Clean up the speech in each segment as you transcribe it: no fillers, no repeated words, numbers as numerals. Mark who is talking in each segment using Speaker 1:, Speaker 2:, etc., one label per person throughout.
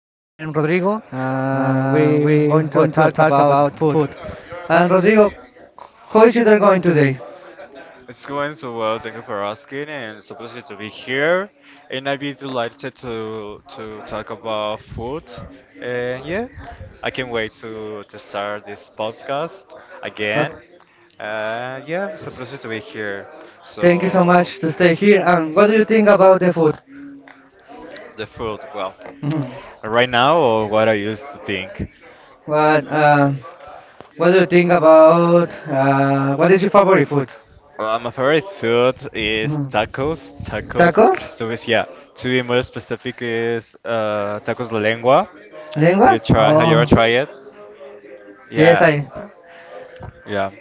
Speaker 1: Rodrigo. We're going to talk about food. And Rodrigo, how is you there going today?
Speaker 2: It's going so well, thank you for asking, and it's a pleasure to be here. And I'd be delighted to talk about food. And yeah, I can't wait to start this podcast again.
Speaker 1: Okay,
Speaker 2: Yeah, it's a pleasure to be here.
Speaker 1: thank you so
Speaker 2: So,
Speaker 1: much to stay here. And what do you think about the food?
Speaker 2: the food, well,
Speaker 1: Mhm.
Speaker 2: right now, or what I used to think.
Speaker 1: What uh, What do you think about what is your favorite food?
Speaker 2: Well, my favorite food is
Speaker 1: Mhm.
Speaker 2: tacos. Tacos,
Speaker 1: Tacos?
Speaker 2: so is, yeah. To be more specific, is tacos de lengua.
Speaker 1: Lengua?
Speaker 2: Have you try? Have you
Speaker 1: Oh,
Speaker 2: ever tried it?
Speaker 1: yes,
Speaker 2: Yeah,
Speaker 1: I.
Speaker 2: yeah.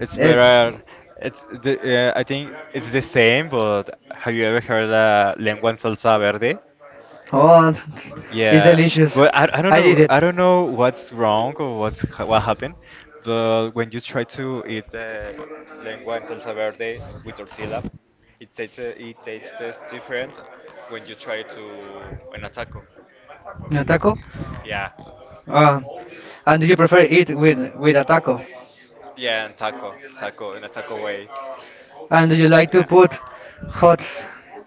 Speaker 2: It's
Speaker 1: Yes.
Speaker 2: better. I think it's the same, but have you ever heard lengua en salsa verde?
Speaker 1: Oh, it's
Speaker 2: Yeah,
Speaker 1: delicious.
Speaker 2: but I don't
Speaker 1: I did
Speaker 2: know
Speaker 1: it.
Speaker 2: I don't know what's wrong or what happened, but when you try to eat lengua en salsa verde with tortilla, it tastes different when you try to in a taco.
Speaker 1: A taco.
Speaker 2: Yeah,
Speaker 1: Uh, and do you prefer it with a taco?
Speaker 2: yeah, and taco in a taco way.
Speaker 1: And do you like to
Speaker 2: Yeah,
Speaker 1: put hot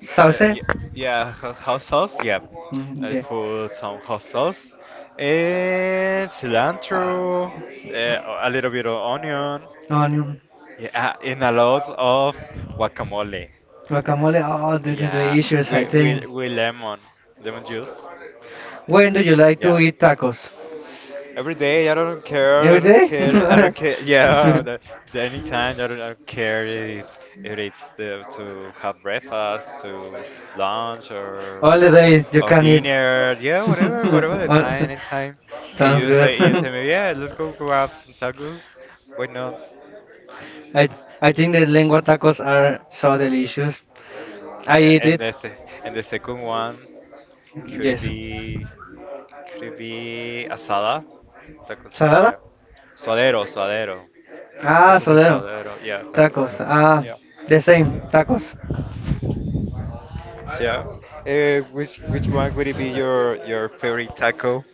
Speaker 1: sauce?
Speaker 2: yeah, yeah, hot sauce. Yeah,
Speaker 1: Mm,
Speaker 2: I
Speaker 1: yeah.
Speaker 2: put some hot sauce and
Speaker 1: Uh,
Speaker 2: cilantro, a little bit of onion.
Speaker 1: Onion,
Speaker 2: Yeah, in a lot of guacamole.
Speaker 1: guacamole. Oh, this is
Speaker 2: Yeah,
Speaker 1: delicious, I
Speaker 2: with, with,
Speaker 1: think.
Speaker 2: with lemon juice.
Speaker 1: When do you like to
Speaker 2: Yeah,
Speaker 1: eat tacos?
Speaker 2: every day. I don't care.
Speaker 1: Every
Speaker 2: I don't care. I
Speaker 1: day?
Speaker 2: don't care. Yeah, the anytime. I don't care if to have breakfast, to lunch,
Speaker 1: All the
Speaker 2: or
Speaker 1: day you
Speaker 2: or
Speaker 1: can eat.
Speaker 2: dinner. Yeah, whatever the
Speaker 1: All-
Speaker 2: time, anytime. And
Speaker 1: Sounds good.
Speaker 2: you tell me, yeah, let's go grab some tacos. Why not?
Speaker 1: I I think the lengua tacos are so delicious. I
Speaker 2: Yeah,
Speaker 1: eat
Speaker 2: and
Speaker 1: it.
Speaker 2: and the second one could
Speaker 1: Yes.
Speaker 2: be. Could asada? Tacos,
Speaker 1: Salada?
Speaker 2: yeah. Suadero, suadero.
Speaker 1: Ah,
Speaker 2: Tacos de
Speaker 1: sodero.
Speaker 2: suadero, yeah, tacos.
Speaker 1: Tacos. Ah,
Speaker 2: Yeah.
Speaker 1: the same. Tacos.
Speaker 2: So, yeah. Which one would it be your favorite taco?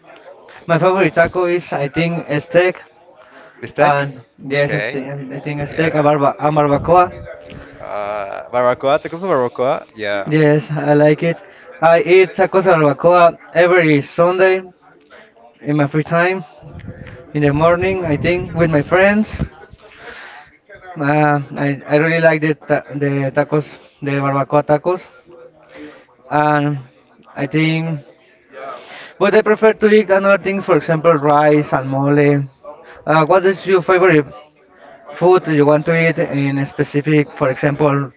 Speaker 1: My favorite taco is, I think, a steak.
Speaker 2: Bistec.
Speaker 1: And yes, a
Speaker 2: Okay.
Speaker 1: steak, I think a
Speaker 2: Yeah.
Speaker 1: steak, a, barbacoa.
Speaker 2: Barbacoa, tacos de barbacoa. Yeah.
Speaker 1: Yes, I like it. I eat tacos a barbacoa every Sunday in my free time, in the morning, I think, with my friends. I really like the tacos, the barbacoa tacos. And I think, but I prefer to eat another thing, for example, rice and mole. What is
Speaker 2: Okay.
Speaker 1: your favorite food you want to eat in a specific? For example,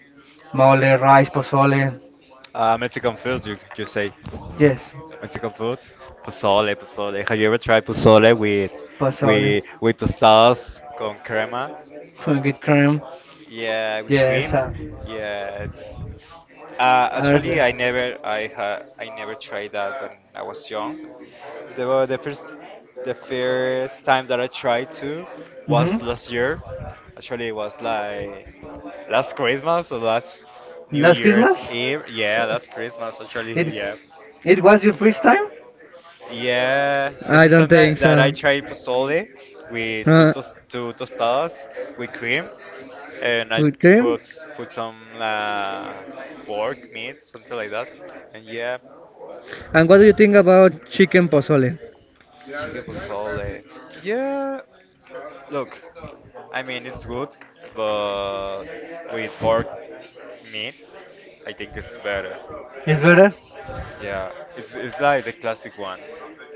Speaker 1: mole, rice, pozole.
Speaker 2: Mexican food, you could just say
Speaker 1: Yes,
Speaker 2: Mexican food. Pozole, pozole. Have you ever tried pozole with
Speaker 1: pozole.
Speaker 2: with tostadas con crema?
Speaker 1: Good cream.
Speaker 2: Yeah, with
Speaker 1: Yes.
Speaker 2: cream. Yeah, it's
Speaker 1: Are
Speaker 2: actually
Speaker 1: the,
Speaker 2: I never tried that when I was young. The wa- the first the first time that I tried to
Speaker 1: hmm
Speaker 2: was last year. Actually, it was like last Christmas or last New
Speaker 1: Last
Speaker 2: Year's
Speaker 1: Christmas?
Speaker 2: Eve. Yeah, last Christmas
Speaker 1: It
Speaker 2: actually. Yeah.
Speaker 1: it was your first time?
Speaker 2: Yeah, the
Speaker 1: I
Speaker 2: first
Speaker 1: don't
Speaker 2: time
Speaker 1: think
Speaker 2: that I
Speaker 1: so.
Speaker 2: tried pozole with
Speaker 1: Uh,
Speaker 2: two tostadas with cream, and I
Speaker 1: with cream?
Speaker 2: put put some pork meat, something like that, and yeah,
Speaker 1: And what do you think about chicken pozole?
Speaker 2: chicken pozole. Yeah, look, I mean it's good, but with pork meat, I think it's better.
Speaker 1: Is better?
Speaker 2: Yeah, it's like the classic one.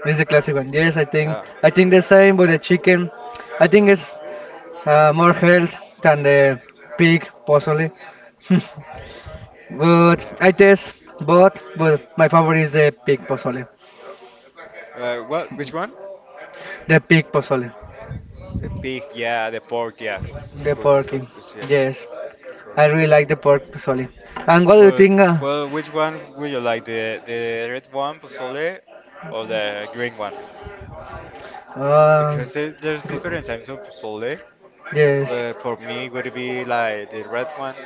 Speaker 1: This is a classic one. Yes, I think
Speaker 2: Yeah,
Speaker 1: I think the same, but the chicken, I think it's more health than the pig, possibly. But
Speaker 2: yeah.
Speaker 1: I taste both, but my favorite is the pig pozole.
Speaker 2: What? Which one?
Speaker 1: The pig pozole.
Speaker 2: The pig, yeah, the pork, yeah. It's
Speaker 1: The
Speaker 2: good, it's good,
Speaker 1: porky.
Speaker 2: it's, yeah,
Speaker 1: Yes.
Speaker 2: it's good.
Speaker 1: I really like the pork pozole. And what do you
Speaker 2: Well,
Speaker 1: think?
Speaker 2: well, which one would you like, the red one, pozole, or the green one?
Speaker 1: Uh,
Speaker 2: Because there's different types of pozole,
Speaker 1: yes.
Speaker 2: but for me, would it be like the red one?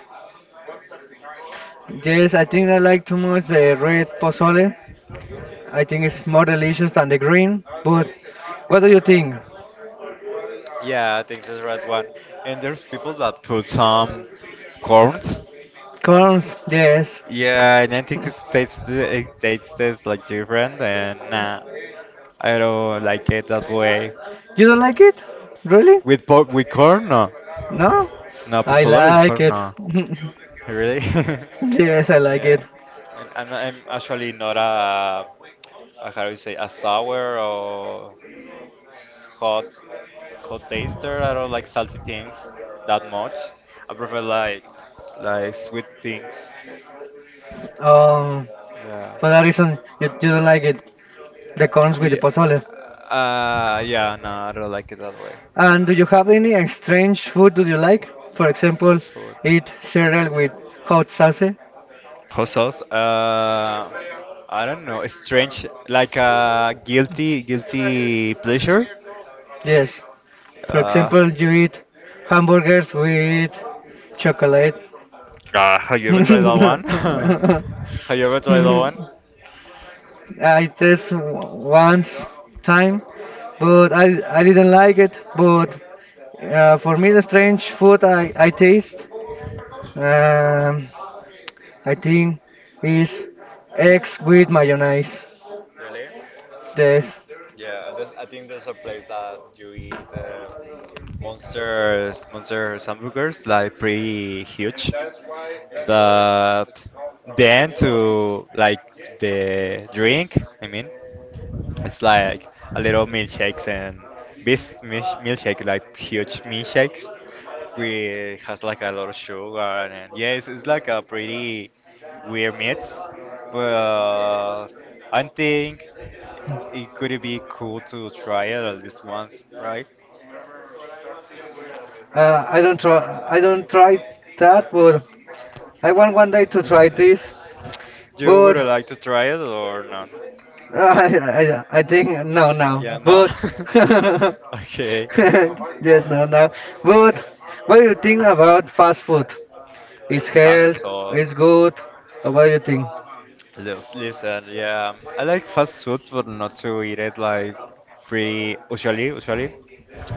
Speaker 1: Yes, I think I like too much the red pozole. I think it's more delicious than the green. But what do you think?
Speaker 2: Yeah, I think the red one. And there's people that put some corns.
Speaker 1: Corns, yes.
Speaker 2: Yeah, and I think it tastes it tastes like different, and nah, I don't like it that way.
Speaker 1: You don't like it? Really?
Speaker 2: With corn? No.
Speaker 1: No,
Speaker 2: No,
Speaker 1: I
Speaker 2: pozole with
Speaker 1: like
Speaker 2: corn?
Speaker 1: it.
Speaker 2: No. Really?
Speaker 1: Yes, I like
Speaker 2: Yeah,
Speaker 1: it.
Speaker 2: and I'm actually not a how do you say, a sour or s- hot hot taster. I don't like salty things that much. I prefer like sweet things.
Speaker 1: Um,
Speaker 2: Yeah,
Speaker 1: for that reason, you don't like it. The corns with the
Speaker 2: Ye-
Speaker 1: pozole.
Speaker 2: yeah. No, I don't like it that way.
Speaker 1: And do you have any strange food do you like? For example,
Speaker 2: Food.
Speaker 1: eat cereal with hot sauce?
Speaker 2: Hot sauce. I don't know. It's strange, like a guilty, guilty pleasure.
Speaker 1: Yes. For
Speaker 2: Uh,
Speaker 1: example, you eat hamburgers with chocolate.
Speaker 2: have you ever tried that one? Have you ever tried that one?
Speaker 1: I test once time, but I didn't like it. But for me, the strange food I taste, um, I think, is eggs with mayonnaise.
Speaker 2: Really?
Speaker 1: This
Speaker 2: Yeah, I think there's a place that you eat monster hamburgers, like pretty huge. That then to like the drink, I mean. It's like a little milkshakes and this milkshake like huge milkshakes. We has like a lot of sugar and yeah, it's like a pretty weird mix. But I think it could be cool to try it at least once, right?
Speaker 1: I don't try that, but I want one day to try this.
Speaker 2: You would
Speaker 1: But
Speaker 2: like to try it or not?
Speaker 1: I think no
Speaker 2: Yeah,
Speaker 1: now.
Speaker 2: no.
Speaker 1: But yes,
Speaker 2: Okay.
Speaker 1: no now. But what do you think about fast food? It's health,
Speaker 2: Fast food.
Speaker 1: it's good. What do you think?
Speaker 2: Listen, yeah, I like fast food, but not to eat it like pretty usually,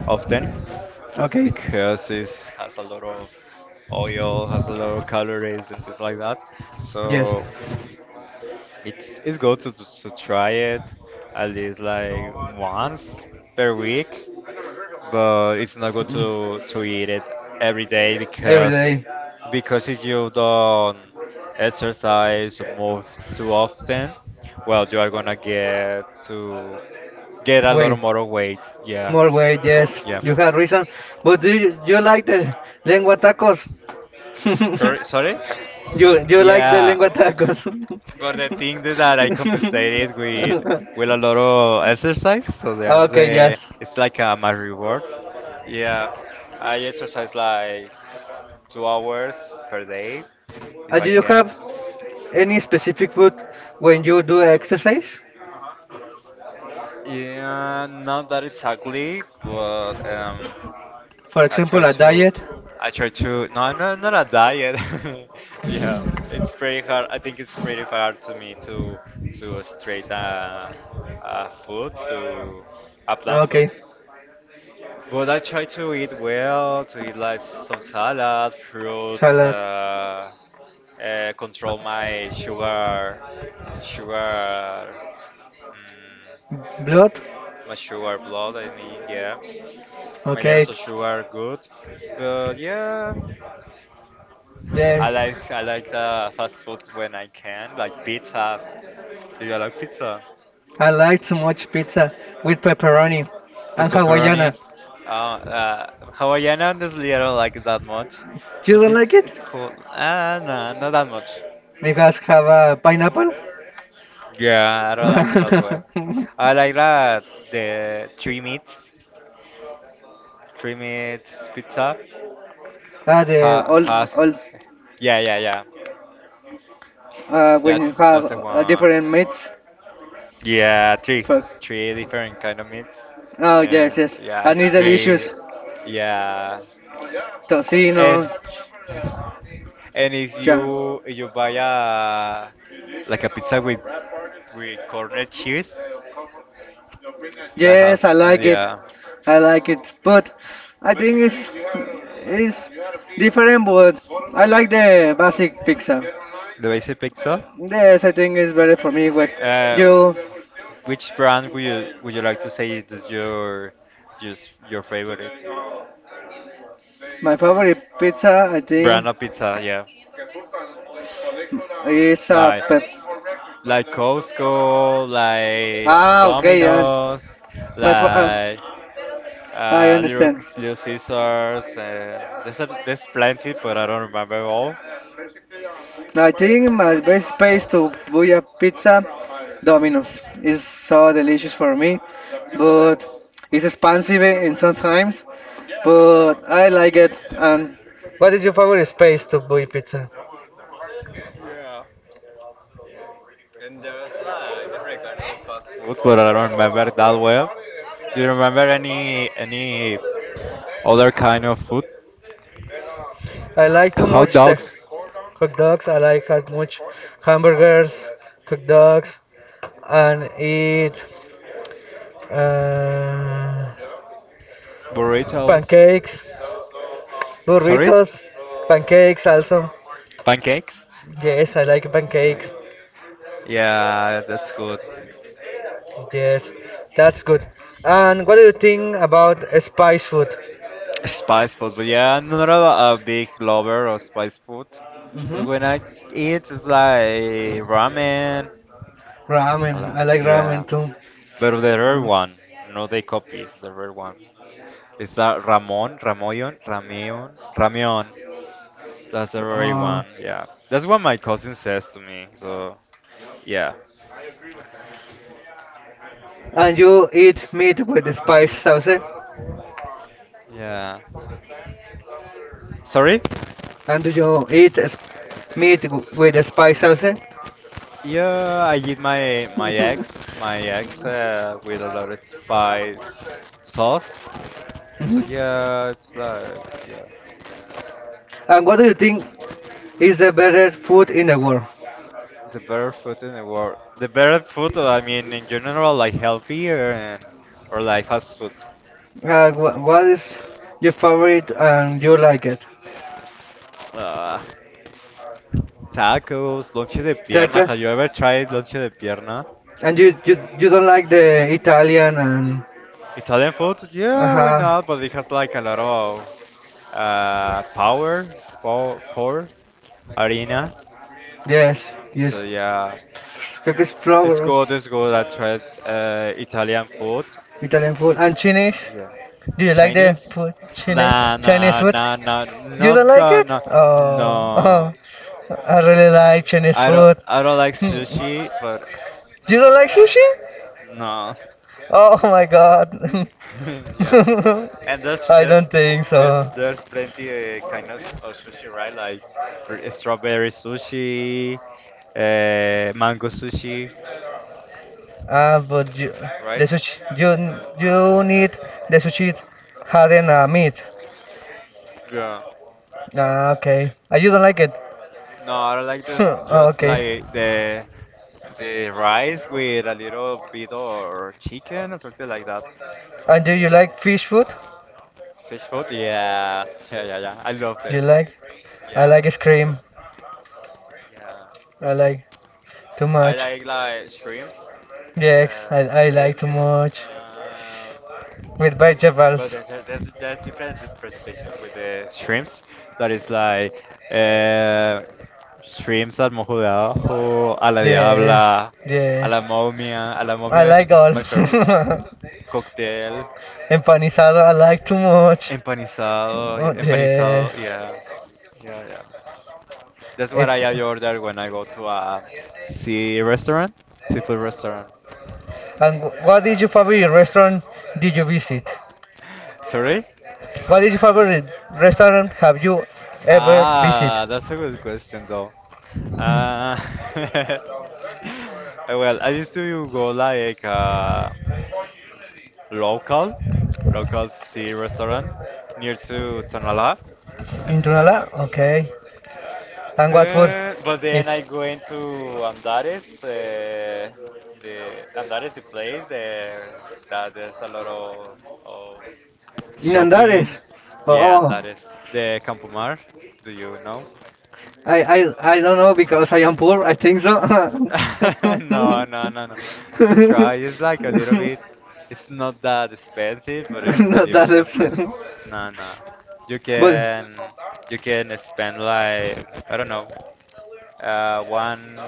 Speaker 2: often,
Speaker 1: Okay,
Speaker 2: because it has a lot of oil, has a lot of calories and things like that.
Speaker 1: yes.
Speaker 2: So it's good to try it at least like once per week, but it's not good
Speaker 1: Mm,
Speaker 2: to eat it every day
Speaker 1: every
Speaker 2: because
Speaker 1: day,
Speaker 2: if you don't exercise or move too often, well, you are gonna get a lot
Speaker 1: way,
Speaker 2: more weight. Yeah,
Speaker 1: more weight, yes.
Speaker 2: yeah.
Speaker 1: You have reason. But do you like the lengua tacos?
Speaker 2: Sorry, sorry.
Speaker 1: You like the
Speaker 2: Yeah,
Speaker 1: lengua tacos?
Speaker 2: but the thing is that I compensated with a lot of exercise, so
Speaker 1: Okay, yes.
Speaker 2: it's like my reward. Yeah, I exercise like 2 hours per day if
Speaker 1: Uh,
Speaker 2: I
Speaker 1: Do you
Speaker 2: can.
Speaker 1: have any specific food when you do exercise?
Speaker 2: Yeah, not that exactly, but
Speaker 1: For
Speaker 2: I try
Speaker 1: example, a
Speaker 2: to,
Speaker 1: diet?
Speaker 2: I try to. No, I'm not a diet. Yeah, it's pretty hard. I think it's pretty hard to me to straight food to a plant
Speaker 1: Okay,
Speaker 2: food. But I try to eat well, to eat like some salad, fruits,
Speaker 1: salad.
Speaker 2: control my sugar,
Speaker 1: Blood?
Speaker 2: my sugar blood. I mean, yeah, my
Speaker 1: Okay,
Speaker 2: levels of sugar are good. But yeah, I
Speaker 1: yes.
Speaker 2: like I like fast food when I can, like pizza. Do you like pizza?
Speaker 1: I like too much pizza with pepperoni
Speaker 2: With
Speaker 1: and
Speaker 2: pepperoni.
Speaker 1: Hawaiiana.
Speaker 2: Hawaiian, honestly, I don't like it that much,
Speaker 1: You
Speaker 2: but
Speaker 1: don't like
Speaker 2: it's
Speaker 1: it?
Speaker 2: it's cool. Ah, no, not that much.
Speaker 1: Because have a pineapple?
Speaker 2: Yeah, I don't like it that well.
Speaker 1: ah,
Speaker 2: I like that the three meats pizza. Ha
Speaker 1: the
Speaker 2: Has,
Speaker 1: old,
Speaker 2: yeah, yeah, yeah.
Speaker 1: when you
Speaker 2: That's
Speaker 1: have
Speaker 2: that's the one.
Speaker 1: different meats.
Speaker 2: Yeah, three,
Speaker 1: Fuck.
Speaker 2: three different kind of meats,
Speaker 1: Oh, yes,
Speaker 2: and
Speaker 1: yes.
Speaker 2: yeah,
Speaker 1: And
Speaker 2: it's
Speaker 1: it's delicious.
Speaker 2: pretty. Yeah,
Speaker 1: Tocino.
Speaker 2: and and if
Speaker 1: Yeah.
Speaker 2: you if you buy a like a pizza with corner cheese that
Speaker 1: Yes,
Speaker 2: has
Speaker 1: I like it.
Speaker 2: yeah
Speaker 1: I like it. But I But think it's you have to be different, but like the basic pizza. Get
Speaker 2: the basic pizza.
Speaker 1: and Yes, I think it's better for if me you with hate it and
Speaker 2: Uh,
Speaker 1: you.
Speaker 2: which brand would you like to say is this your just your favorite?
Speaker 1: My favorite pizza, I
Speaker 2: Brand
Speaker 1: think.
Speaker 2: of pizza, yeah.
Speaker 1: It's a
Speaker 2: Like,
Speaker 1: pep.
Speaker 2: like Costco, like
Speaker 1: Ah, okay, yeah.
Speaker 2: Domino's,
Speaker 1: My fa- uh,
Speaker 2: like
Speaker 1: I
Speaker 2: uh, Little
Speaker 1: understand.
Speaker 2: Little Caesars, and there's plenty, but I don't remember all.
Speaker 1: I think my best place to buy a pizza, Domino's, is so delicious for me, but it's expensive and sometimes, but I like it. And what is your favorite space to buy pizza?
Speaker 2: Food, but I don't remember that well. Do you remember any other kind of food?
Speaker 1: I like too
Speaker 2: Hot
Speaker 1: much the
Speaker 2: dogs,
Speaker 1: hot dogs. I like as much hamburgers, hot dogs, and eat uh,
Speaker 2: burritos,
Speaker 1: pancakes,
Speaker 2: sorry,
Speaker 1: burritos, pancakes also.
Speaker 2: pancakes.
Speaker 1: Yes, I like
Speaker 2: Okay.
Speaker 1: pancakes.
Speaker 2: Yeah, that's good.
Speaker 1: Yes, that's good. And what do you think about spice food?
Speaker 2: Spice food, but yeah, I'm not a big lover of spice food.
Speaker 1: hmm
Speaker 2: But when I eat, it's like ramen.
Speaker 1: Ramen. I like
Speaker 2: Yeah,
Speaker 1: ramen too.
Speaker 2: but the rare
Speaker 1: Uh,
Speaker 2: one, no, they copy the rare one. It's a Ramon, Ramoyon, Rameon, Rameon. That's a very
Speaker 1: uh,
Speaker 2: one, yeah. That's what my cousin says to me, so yeah.
Speaker 1: and you eat meat with the spice sauce? Eh?
Speaker 2: Yeah. Sorry?
Speaker 1: And do you eat meat with the spice sauce? Eh?
Speaker 2: Yeah, I eat my eggs, with a lot of spice sauce. So
Speaker 1: Mhm.
Speaker 2: yeah, it's like yeah,
Speaker 1: And what do you think is the better food in the world?
Speaker 2: the better food in the world. The better food, I mean, in general, like healthier and or like fast food.
Speaker 1: What is your favorite and you like it?
Speaker 2: Uh, tacos, lonche de pierna.
Speaker 1: Tacos?
Speaker 2: Have you ever tried lonche de pierna?
Speaker 1: And you don't like the Italian and...
Speaker 2: Italian food? Yeah, why
Speaker 1: Uh-huh.
Speaker 2: not? But it has like a lot of power, power, power, arena.
Speaker 1: Yes,
Speaker 2: So
Speaker 1: yes.
Speaker 2: yeah,
Speaker 1: Cookies
Speaker 2: it's
Speaker 1: flower,
Speaker 2: good. It's good. I tried Italian food.
Speaker 1: Italian food. And Chinese?
Speaker 2: Yeah.
Speaker 1: Do you like the
Speaker 2: Chinese?
Speaker 1: food, Chinese?
Speaker 2: Nah,
Speaker 1: Chinese
Speaker 2: nah,
Speaker 1: food?
Speaker 2: nah, nah,
Speaker 1: You don't
Speaker 2: not
Speaker 1: like it?
Speaker 2: no,
Speaker 1: Oh,
Speaker 2: no.
Speaker 1: oh. I really like Chinese
Speaker 2: I don't,
Speaker 1: food.
Speaker 2: I don't like
Speaker 1: Hmm.
Speaker 2: sushi, but
Speaker 1: You don't like sushi?
Speaker 2: no.
Speaker 1: Oh my god.
Speaker 2: Yeah, and there's
Speaker 1: I
Speaker 2: there's
Speaker 1: don't think
Speaker 2: there's
Speaker 1: so.
Speaker 2: there's plenty kind of sushi, right? Like strawberry sushi, mango sushi,
Speaker 1: Ah, but you, the
Speaker 2: right?
Speaker 1: sushi, you you need the sushi had in meat.
Speaker 2: Yeah.
Speaker 1: Ah, okay. Ah, you don't like it?
Speaker 2: No, I don't like this. Just
Speaker 1: Okay.
Speaker 2: like the rice with a little bit or chicken or something like that.
Speaker 1: And do you like fish food?
Speaker 2: Fish food. Yeah, yeah, yeah, yeah. I love
Speaker 1: Do you
Speaker 2: it.
Speaker 1: like? I
Speaker 2: Yeah,
Speaker 1: like ice cream.
Speaker 2: yeah.
Speaker 1: I like too
Speaker 2: I
Speaker 1: much.
Speaker 2: like like streams,
Speaker 1: Yes,
Speaker 2: uh,
Speaker 1: I like too
Speaker 2: streams,
Speaker 1: much.
Speaker 2: um,
Speaker 1: With
Speaker 2: but
Speaker 1: vegetables.
Speaker 2: there's different presentation with the streams. That is like uh, streams al mojo de abajo, a la
Speaker 1: Yes,
Speaker 2: diabla, a
Speaker 1: yes.
Speaker 2: la momia. A la
Speaker 1: I
Speaker 2: momia
Speaker 1: like
Speaker 2: is
Speaker 1: all.
Speaker 2: my favorite. Cocktail,
Speaker 1: Empanizado, I like too much.
Speaker 2: empanizado,
Speaker 1: Oh,
Speaker 2: empanizado,
Speaker 1: yes.
Speaker 2: yeah, yeah, yeah. That's what
Speaker 1: It's.
Speaker 2: I order when I go to a sea restaurant, seafood restaurant.
Speaker 1: And what is your favorite restaurant did you visit?
Speaker 2: Sorry?
Speaker 1: What is your favorite restaurant have you ever visited?
Speaker 2: Ah, that's a good question though. Uh, well, I used to go like local, local sea restaurant near to Tonalá and
Speaker 1: In
Speaker 2: things like that.
Speaker 1: Tunala? Okay. And what food
Speaker 2: But then I
Speaker 1: is?
Speaker 2: go into Andares, the Andares, the place that there's a lot of
Speaker 1: In
Speaker 2: shopping.
Speaker 1: Andares?
Speaker 2: Yeah,
Speaker 1: Oh,
Speaker 2: Andares, the Campomar. Do you know?
Speaker 1: I, I don't know because I am poor, I think so.
Speaker 2: No, no, no, no. Just a try. It's like a little bit. It's not that expensive, but it's not
Speaker 1: Not
Speaker 2: even
Speaker 1: that,
Speaker 2: not that.
Speaker 1: is-
Speaker 2: No, no. You
Speaker 1: But,
Speaker 2: can you can spend like I don't know, one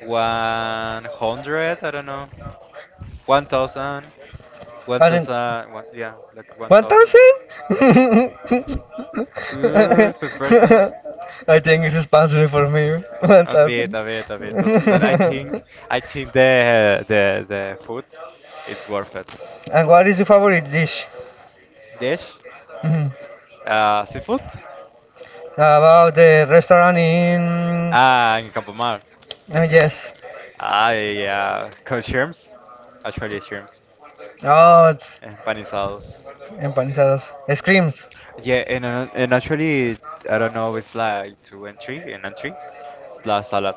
Speaker 2: one hundred. I don't know, 1,000, one
Speaker 1: and
Speaker 2: thousand, one yeah, like one
Speaker 1: One
Speaker 2: thousand
Speaker 1: thousand?
Speaker 2: per person.
Speaker 1: I think it's responsible for me. One
Speaker 2: A bit,
Speaker 1: thousand.
Speaker 2: a bit, a bit. But I think I think the food, it's worth it.
Speaker 1: And what is your favorite dish?
Speaker 2: Dish,
Speaker 1: Mhm.
Speaker 2: seafood,
Speaker 1: About the restaurant in.
Speaker 2: and Campo Mar.
Speaker 1: Yes.
Speaker 2: I caught shrimps, actually shrimps,
Speaker 1: Oh, it's
Speaker 2: and panizados.
Speaker 1: empanizadas. Screams.
Speaker 2: Yeah, and and actually, I don't know, it's like two and three, and entry. It's like salad,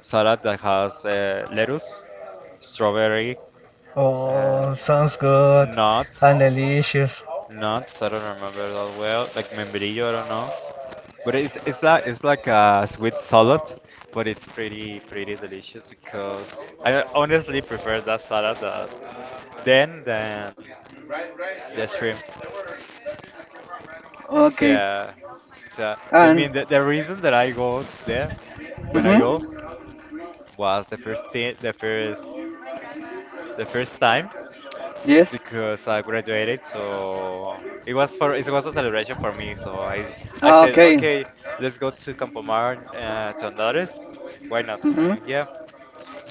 Speaker 2: salad that has lettuce, strawberry, uh,
Speaker 1: Oh, sounds good
Speaker 2: nuts.
Speaker 1: and delicious.
Speaker 2: Nuts, I don't remember that well. Like membrillo, I don't know. But it's like a sweet salad, but it's pretty pretty delicious because I honestly prefer that salad that then than the shrimps. So,
Speaker 1: Okay.
Speaker 2: yeah, so the
Speaker 1: And.
Speaker 2: mean the, the reason that I go there when I
Speaker 1: Hmm.
Speaker 2: go was the first thing the first time. It's
Speaker 1: Yes.
Speaker 2: because I graduated, so it was a celebration for me. So I
Speaker 1: Ah,
Speaker 2: said,
Speaker 1: okay.
Speaker 2: okay, let's go to Campo Mar to Andares. Why not?
Speaker 1: hmm
Speaker 2: Yeah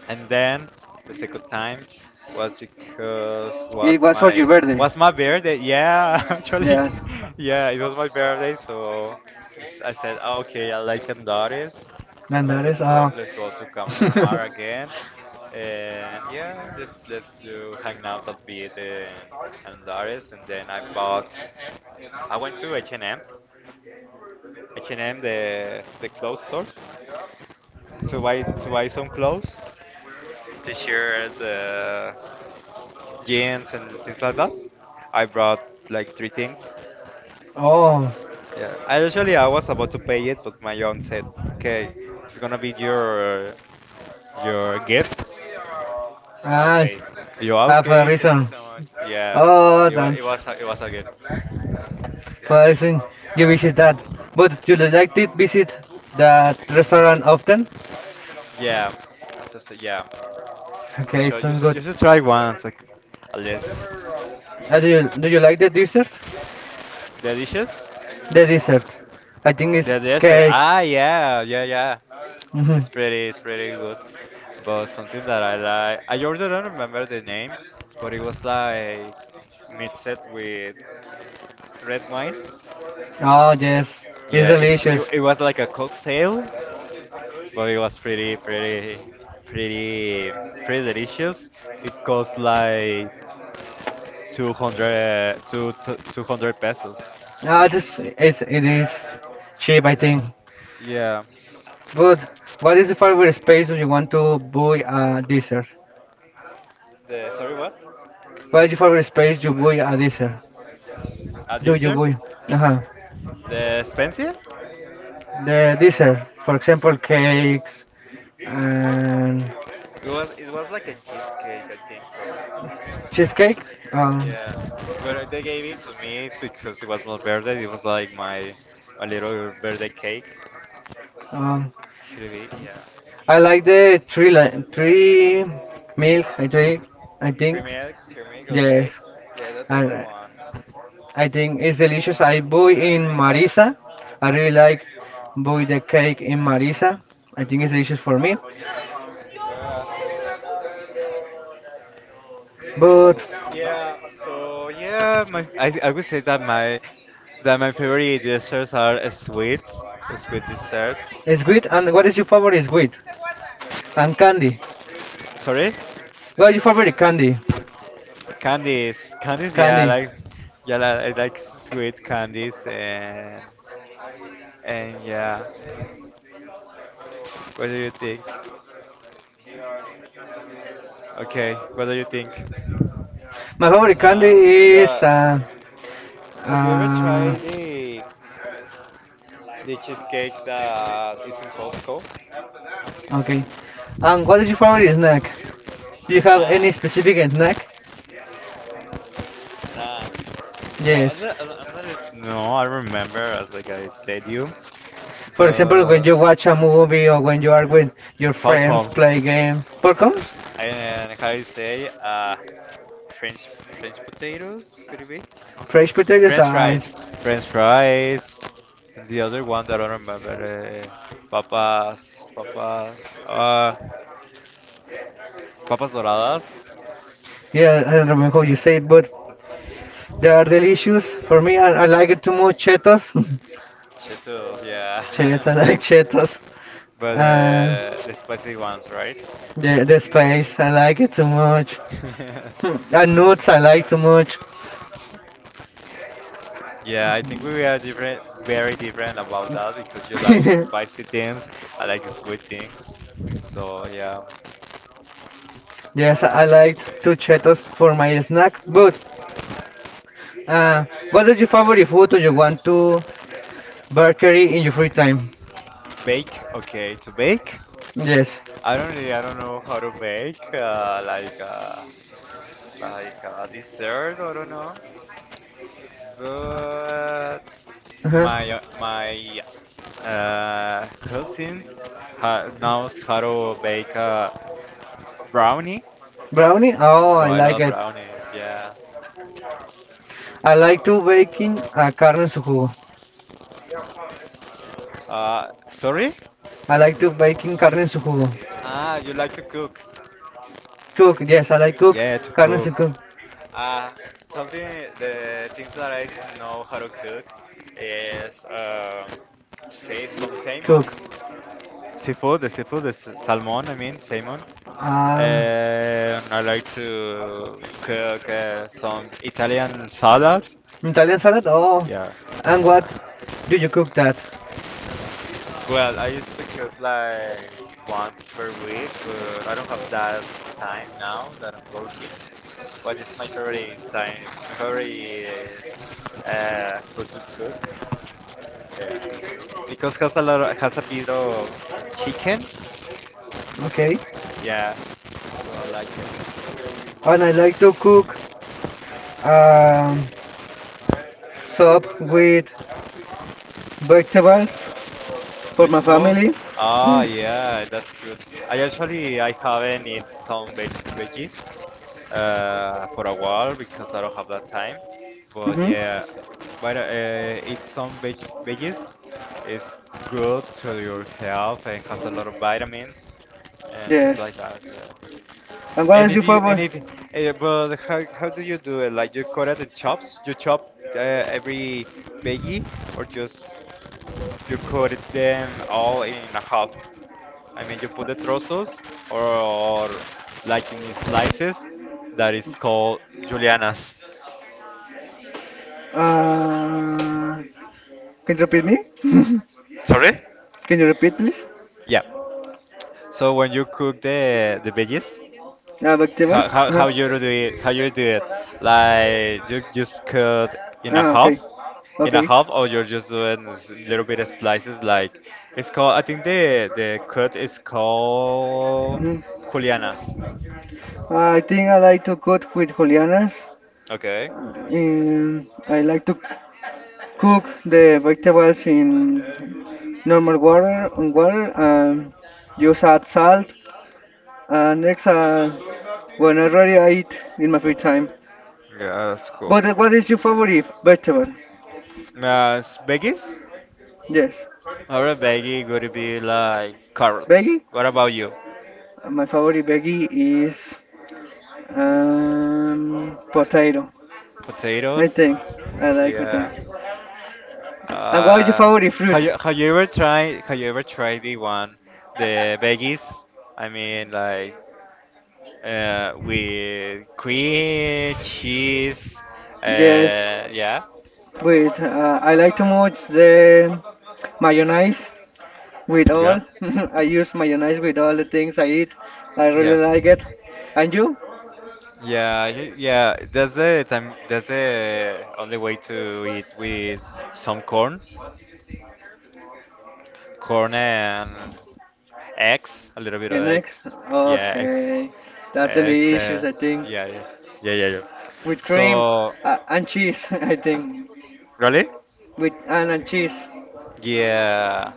Speaker 2: and then the second time was because
Speaker 1: It was for your birthday.
Speaker 2: was my birthday. Yeah, actually,
Speaker 1: Yes.
Speaker 2: yeah, it was my birthday. So I said, "Oh, okay, I like Andares,
Speaker 1: And
Speaker 2: so
Speaker 1: that is,
Speaker 2: let's go to Campomar again, and yeah, let's do hang out a bit in Andares, and then I went to H and M the clothes stores to buy some clothes, t-shirts. Jeans and things like that. I brought like three things.
Speaker 1: oh,
Speaker 2: Yeah, I was about to pay it, but my aunt said, "Okay, it's gonna be your gift." So I
Speaker 1: I
Speaker 2: paid. You
Speaker 1: have a
Speaker 2: okay? Thank you
Speaker 1: reason.
Speaker 2: so much. Yeah,
Speaker 1: Oh, thanks
Speaker 2: it was a gift. Yeah,
Speaker 1: for reason you visit that. But you like to visit that restaurant often?
Speaker 2: yeah. As I said, yeah, for
Speaker 1: Okay,
Speaker 2: sure.
Speaker 1: sounds good.
Speaker 2: You should try once, like, at least.
Speaker 1: Do you like the desserts?
Speaker 2: The dishes,
Speaker 1: The dessert. I think it's
Speaker 2: the dessert.
Speaker 1: cake.
Speaker 2: Ah, yeah, yeah, yeah.
Speaker 1: Hmm.
Speaker 2: It's pretty good. But something that I like, I already don't remember the name, but it was like mixed with red wine.
Speaker 1: Oh yes, it's
Speaker 2: Yeah,
Speaker 1: delicious.
Speaker 2: it was like a cocktail, but it was pretty, pretty delicious. It cost like 200, 200 pesos.
Speaker 1: Just it is cheap, I think.
Speaker 2: Yeah.
Speaker 1: But what is the favorite space do you want to buy a dessert?
Speaker 2: The sorry, what?
Speaker 1: What is your favorite space you buy a dessert?
Speaker 2: A
Speaker 1: Do you
Speaker 2: dessert?
Speaker 1: buy? Uh-huh.
Speaker 2: The expensive?
Speaker 1: The dessert, for example, cakes and
Speaker 2: It was like a cheesecake, I think so.
Speaker 1: cheesecake. Um,
Speaker 2: Yeah, but they gave it to me because it was my birthday. It was like my little birthday cake.
Speaker 1: uh,
Speaker 2: Should it be? Yeah.
Speaker 1: I like the three milk. I think.
Speaker 2: Turmeric, turmeric,
Speaker 1: Yes,
Speaker 2: okay. Yeah, that's a good
Speaker 1: I
Speaker 2: one.
Speaker 1: I think it's delicious. I buy in Marisa. I really
Speaker 2: Yes.
Speaker 1: like buy the cake in Marisa. I think it's delicious for me.
Speaker 2: Yeah.
Speaker 1: But
Speaker 2: Yeah. So yeah, my I would say that my that my favorite desserts are sweets, sweet desserts.
Speaker 1: it's good. And what is your favorite sweet? And candy.
Speaker 2: Sorry.
Speaker 1: What is your favorite candy?
Speaker 2: Candies, candies, yeah, I
Speaker 1: Candy.
Speaker 2: like, yeah, I like sweet candies and yeah. What do you think? Okay, what do you think?
Speaker 1: My favorite
Speaker 2: Nah.
Speaker 1: candy is
Speaker 2: The, have you ever
Speaker 1: uh,
Speaker 2: tried the cheesecake that is in Costco?
Speaker 1: okay. And what is your favorite snack?
Speaker 2: It's
Speaker 1: Do you have any
Speaker 2: nice,
Speaker 1: specific snack?
Speaker 2: nice. No,
Speaker 1: Yes.
Speaker 2: I'm not as- no, I remember, as like I said you,
Speaker 1: For example, when
Speaker 2: but
Speaker 1: you watch a movie or when you are with your friends
Speaker 2: popcorns.
Speaker 1: play games. Popcorns?
Speaker 2: And how you say? French potatoes, could it be?
Speaker 1: Fresh potatoes?
Speaker 2: French fries. French fries. And the other one that I don't remember, papas, papas, papas doradas.
Speaker 1: Yeah, I don't remember how
Speaker 2: Yeah.
Speaker 1: you say it, but they are delicious. For me, I like it too much. Cheetos.
Speaker 2: Cheetos, yeah.
Speaker 1: Cheetos, I like Cheetos.
Speaker 2: But
Speaker 1: And
Speaker 2: the spicy ones, right?
Speaker 1: the space, I like it too much. Hmm, and nuts, I like too much.
Speaker 2: Yeah, I think we are different, very different about that because you like spicy things, I like sweet things. So yeah,
Speaker 1: Yes, I like two Cheetos for my snack. But uh, what is your favorite food do you want to bakery in your free time?
Speaker 2: bake, okay, to bake.
Speaker 1: Yes.
Speaker 2: I don't know how to bake like a dessert. I don't know, but
Speaker 1: Uh-huh.
Speaker 2: my cousins ha knows how to bake brownie,
Speaker 1: Brownie? Oh,
Speaker 2: so
Speaker 1: I
Speaker 2: I
Speaker 1: like
Speaker 2: love
Speaker 1: it.
Speaker 2: brownies. Yeah.
Speaker 1: I like to baking carne en su jugo.
Speaker 2: Sorry?
Speaker 1: I like to baking carne en su jugo.
Speaker 2: Ah, you like to cook?
Speaker 1: Cook. Yes, I like cook
Speaker 2: Yeah, to
Speaker 1: carne en
Speaker 2: cook.
Speaker 1: su jugo.
Speaker 2: Ah, something the things that I know how to cook is say some salmon.
Speaker 1: Cook.
Speaker 2: Seafood, the salmon, I mean, salmon.
Speaker 1: Uh,
Speaker 2: And I like to cook some Italian salad.
Speaker 1: Italian salad? Oh,
Speaker 2: Yeah.
Speaker 1: and what
Speaker 2: Yeah.
Speaker 1: do you cook that?
Speaker 2: Well, I used to cook like once per week, but I don't have that time now that I'm working. But it's my favorite time, my favorite food to cook. Yeah, because has a lot of, has a bit of chicken.
Speaker 1: Okay.
Speaker 2: Yeah. So I like it.
Speaker 1: And I like to cook um, soup with vegetables for my
Speaker 2: Vegetables?
Speaker 1: family.
Speaker 2: Ah,
Speaker 1: Yes.
Speaker 2: yeah, that's good. I haven't eaten some veggies for a while because I don't have that time. But
Speaker 1: Mm-hmm.
Speaker 2: yeah, but eat some veggies is good to your health and has a lot of vitamins and things
Speaker 1: Yes.
Speaker 2: like that. Yeah.
Speaker 1: And what
Speaker 2: And
Speaker 1: is your
Speaker 2: if you and
Speaker 1: favorite?
Speaker 2: if but how do you do it? Like you cut it in chops? You chop every veggie, or just you cut it them all in a half? I mean, you put the trozos, or like in slices, that is called julianas.
Speaker 1: Uh, can you repeat me?
Speaker 2: Sorry?
Speaker 1: Can you repeat, please?
Speaker 2: Yeah. So when you cook the veggies,
Speaker 1: Uh, vegetables. Uh-huh.
Speaker 2: how you do it? How you do it? Like you just cut in a
Speaker 1: Ah,
Speaker 2: half,
Speaker 1: okay.
Speaker 2: in a
Speaker 1: Okay.
Speaker 2: half, or you're just doing little bit of slices. Like, it's called, I think the cut is called
Speaker 1: hmm
Speaker 2: julianas.
Speaker 1: I think I like to cook with julianas.
Speaker 2: Okay.
Speaker 1: In I like to cook the vegetables in normal water on water and just add salt. And when I eat in my free time.
Speaker 2: Yeah, that's cool.
Speaker 1: But what is your favorite vegetable?
Speaker 2: Veggies?
Speaker 1: Yes,
Speaker 2: Our veggie would be like carrots.
Speaker 1: veggie.
Speaker 2: What about you?
Speaker 1: My favorite veggie is potato. I
Speaker 2: Potatoes?
Speaker 1: think I like potato.
Speaker 2: Yeah.
Speaker 1: And what is your
Speaker 2: Uh,
Speaker 1: favorite fruit?
Speaker 2: have you ever tried the one, the veggies? I mean like with cream, cheese,
Speaker 1: Yes,
Speaker 2: yeah.
Speaker 1: with I like too much the mayonnaise with
Speaker 2: Yeah.
Speaker 1: all. I use mayonnaise with all the things I eat. I
Speaker 2: Yeah.
Speaker 1: really like it. And you?
Speaker 2: Yeah, yeah, that's the only way to eat with some corn. Corn and eggs, a little bit of
Speaker 1: And next?
Speaker 2: eggs. Yeah, eggs.
Speaker 1: Okay, that's the
Speaker 2: Eggs.
Speaker 1: delicious, I think.
Speaker 2: Yeah, yeah, yeah, yeah, yeah.
Speaker 1: With cream,
Speaker 2: So,
Speaker 1: and cheese, I think.
Speaker 2: really?
Speaker 1: With and cheese.
Speaker 2: Yeah,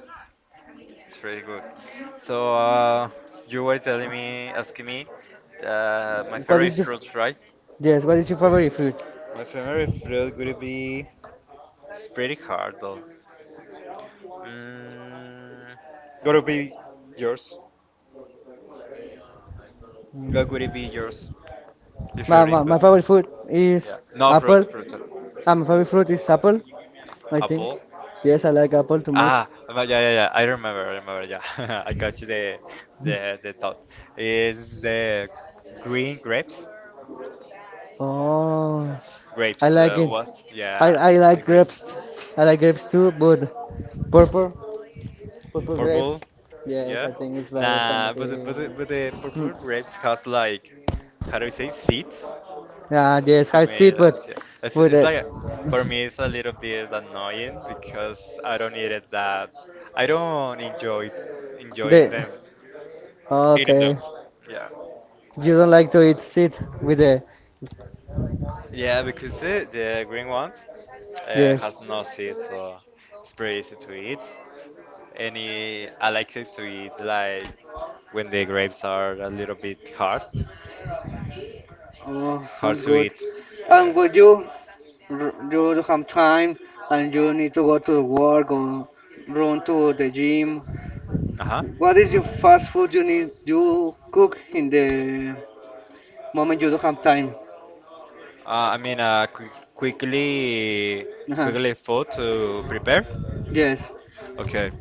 Speaker 2: it's pretty good. So, you were telling me, asking me, my
Speaker 1: What
Speaker 2: favorite
Speaker 1: is your?
Speaker 2: fruits, right?
Speaker 1: Yes? What is your favorite fruit?
Speaker 2: My favorite fruit would be, it's pretty hard though. Mm, gotta be yours. What would it be yours? Your
Speaker 1: My, my,
Speaker 2: favorite
Speaker 1: my
Speaker 2: food?
Speaker 1: favorite food
Speaker 2: Yeah.
Speaker 1: is
Speaker 2: No,
Speaker 1: apple.
Speaker 2: fruit, fruit. Uh,
Speaker 1: My favorite fruit is apple, I think.
Speaker 2: apple.
Speaker 1: Yes, I like apple too much.
Speaker 2: Ah, but yeah, yeah, yeah. I remember, I remember. Yeah, I got you the thought. Is the green grapes?
Speaker 1: Oh, I
Speaker 2: Grapes,
Speaker 1: like it.
Speaker 2: was,
Speaker 1: I,
Speaker 2: yeah,
Speaker 1: I
Speaker 2: the
Speaker 1: like
Speaker 2: green.
Speaker 1: grapes. I like grapes too, but purple purple grapes.
Speaker 2: Purple,
Speaker 1: Yes,
Speaker 2: yeah.
Speaker 1: I think it's better than the
Speaker 2: Nah, but
Speaker 1: green.
Speaker 2: but the
Speaker 1: Hmm.
Speaker 2: purple grapes has like, how do you say, seeds?
Speaker 1: Yeah, yes, I see it,
Speaker 2: Semillas, yeah.
Speaker 1: but
Speaker 2: It's like, for me it's a little bit annoying because I don't enjoy enjoying
Speaker 1: the
Speaker 2: them. Eating them.
Speaker 1: okay.
Speaker 2: Yeah.
Speaker 1: You don't like to eat seed with the,
Speaker 2: Yeah, because the green ones
Speaker 1: yes.
Speaker 2: has no seeds, so it's pretty easy to eat. Any, I like it to eat like when the grapes are a little bit hard,
Speaker 1: Oh,
Speaker 2: hard
Speaker 1: sounds
Speaker 2: to
Speaker 1: good.
Speaker 2: eat. Yeah.
Speaker 1: And when you you don't have time and you need to go to work or run to the gym,
Speaker 2: Uh
Speaker 1: what is your
Speaker 2: huh.
Speaker 1: fast food you cook in the moment you don't have time?
Speaker 2: I mean, qu quickly,
Speaker 1: Uh-huh.
Speaker 2: quickly food to prepare.
Speaker 1: Yes,
Speaker 2: Okay.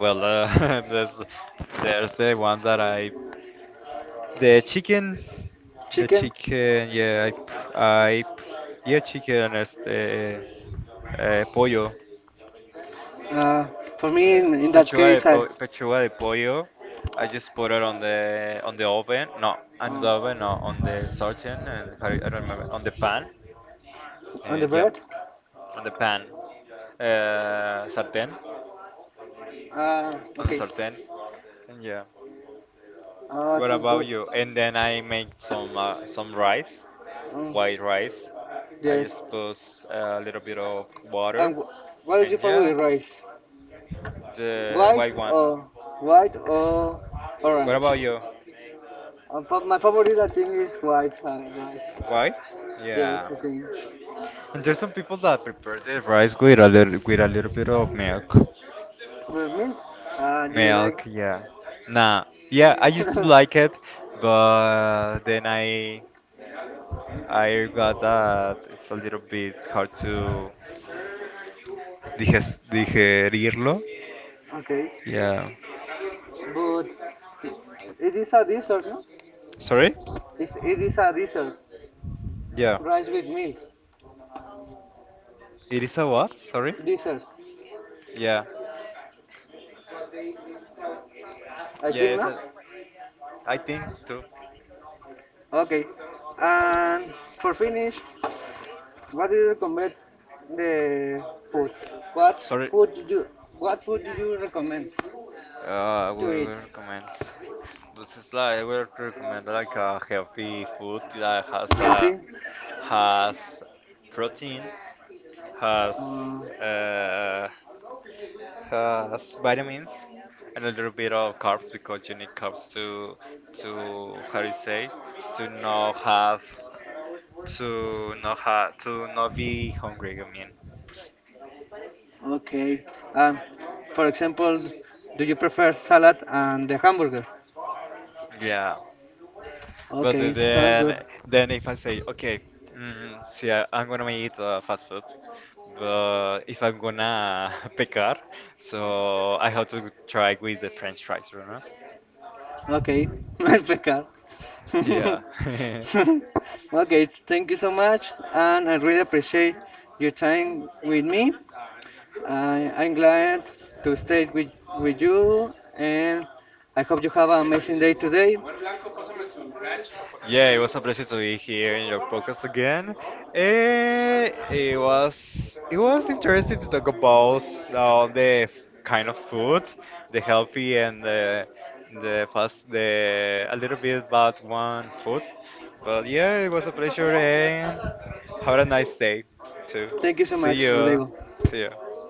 Speaker 2: Well, there's the one the chicken, the
Speaker 1: chicken.
Speaker 2: chicken. Yeah, I yeah, chicken. Este, pollo.
Speaker 1: Uh, for me,
Speaker 2: Yeah,
Speaker 1: in that case, I
Speaker 2: pechuga de pollo. I just put it on the oven. No, on the oven.
Speaker 1: uh,
Speaker 2: No, on the sartén. And how do you- I don't remember, on the pan.
Speaker 1: on the
Speaker 2: And yeah.
Speaker 1: bread.
Speaker 2: On the pan, sartén,
Speaker 1: Ah,
Speaker 2: on the
Speaker 1: okay.
Speaker 2: sartén. And yeah,
Speaker 1: Ah,
Speaker 2: what
Speaker 1: sounds
Speaker 2: about
Speaker 1: good.
Speaker 2: you? And then I make some rice,
Speaker 1: Oh,
Speaker 2: white rice. I
Speaker 1: yes.
Speaker 2: just put a little bit of water,
Speaker 1: And what is your
Speaker 2: and
Speaker 1: favorite
Speaker 2: yeah,
Speaker 1: rice?
Speaker 2: the
Speaker 1: White
Speaker 2: white one.
Speaker 1: or white or
Speaker 2: What
Speaker 1: orange?
Speaker 2: about you?
Speaker 1: My favorite, I think, is white rice.
Speaker 2: White?
Speaker 1: Yes,
Speaker 2: Yeah.
Speaker 1: I think.
Speaker 2: And there's some people that prepare the rice with a little bit of milk.
Speaker 1: But milk? Do you like?
Speaker 2: Milk, yeah. Nah, yeah, I used to like it, but then I got that it's a little bit hard to digerirlo.
Speaker 1: Okay.
Speaker 2: Yeah.
Speaker 1: But it is a dessert, no?
Speaker 2: Sorry?
Speaker 1: It is a dessert.
Speaker 2: Yeah.
Speaker 1: Rice with milk.
Speaker 2: It is a what? Sorry?
Speaker 1: Dessert.
Speaker 2: Yeah.
Speaker 1: I
Speaker 2: Yeah,
Speaker 1: think,
Speaker 2: it's
Speaker 1: no?
Speaker 2: a, I think too.
Speaker 1: Okay. And for finish, what do you recommend the food? What
Speaker 2: Sorry.
Speaker 1: food do you recommend
Speaker 2: I
Speaker 1: to
Speaker 2: would
Speaker 1: eat?
Speaker 2: recommend. This is like, I would recommend like a healthy food that
Speaker 1: Healthy?
Speaker 2: has protein,
Speaker 1: Uh,
Speaker 2: has uh, has vitamins, and a little bit of carbs because you need carbs to, how do you say, to not have, to not be hungry. I mean,
Speaker 1: okay. Um, for example, do you prefer salad and the hamburger?
Speaker 2: yeah. But
Speaker 1: Okay, sounds good.
Speaker 2: then if I say, okay, mm, see, I'm gonna eat fast food, but if I'm gonna pecar, so I have to try with the French fries, you know?
Speaker 1: Okay, let's pick up.
Speaker 2: Yeah.
Speaker 1: Okay, thank you so much, and I really appreciate your time with me. I'm glad to stay with you, and I hope you have an amazing day today.
Speaker 2: Yeah, it was a pleasure to be here in your podcast again. Eh, it was interesting to talk about uh, the f- kind of food, the healthy and the fast, the a little bit bad one food. But yeah, it was a pleasure and have a nice day too.
Speaker 1: Thank you so
Speaker 2: See
Speaker 1: much,
Speaker 2: you.
Speaker 1: Rodrigo.
Speaker 2: See you.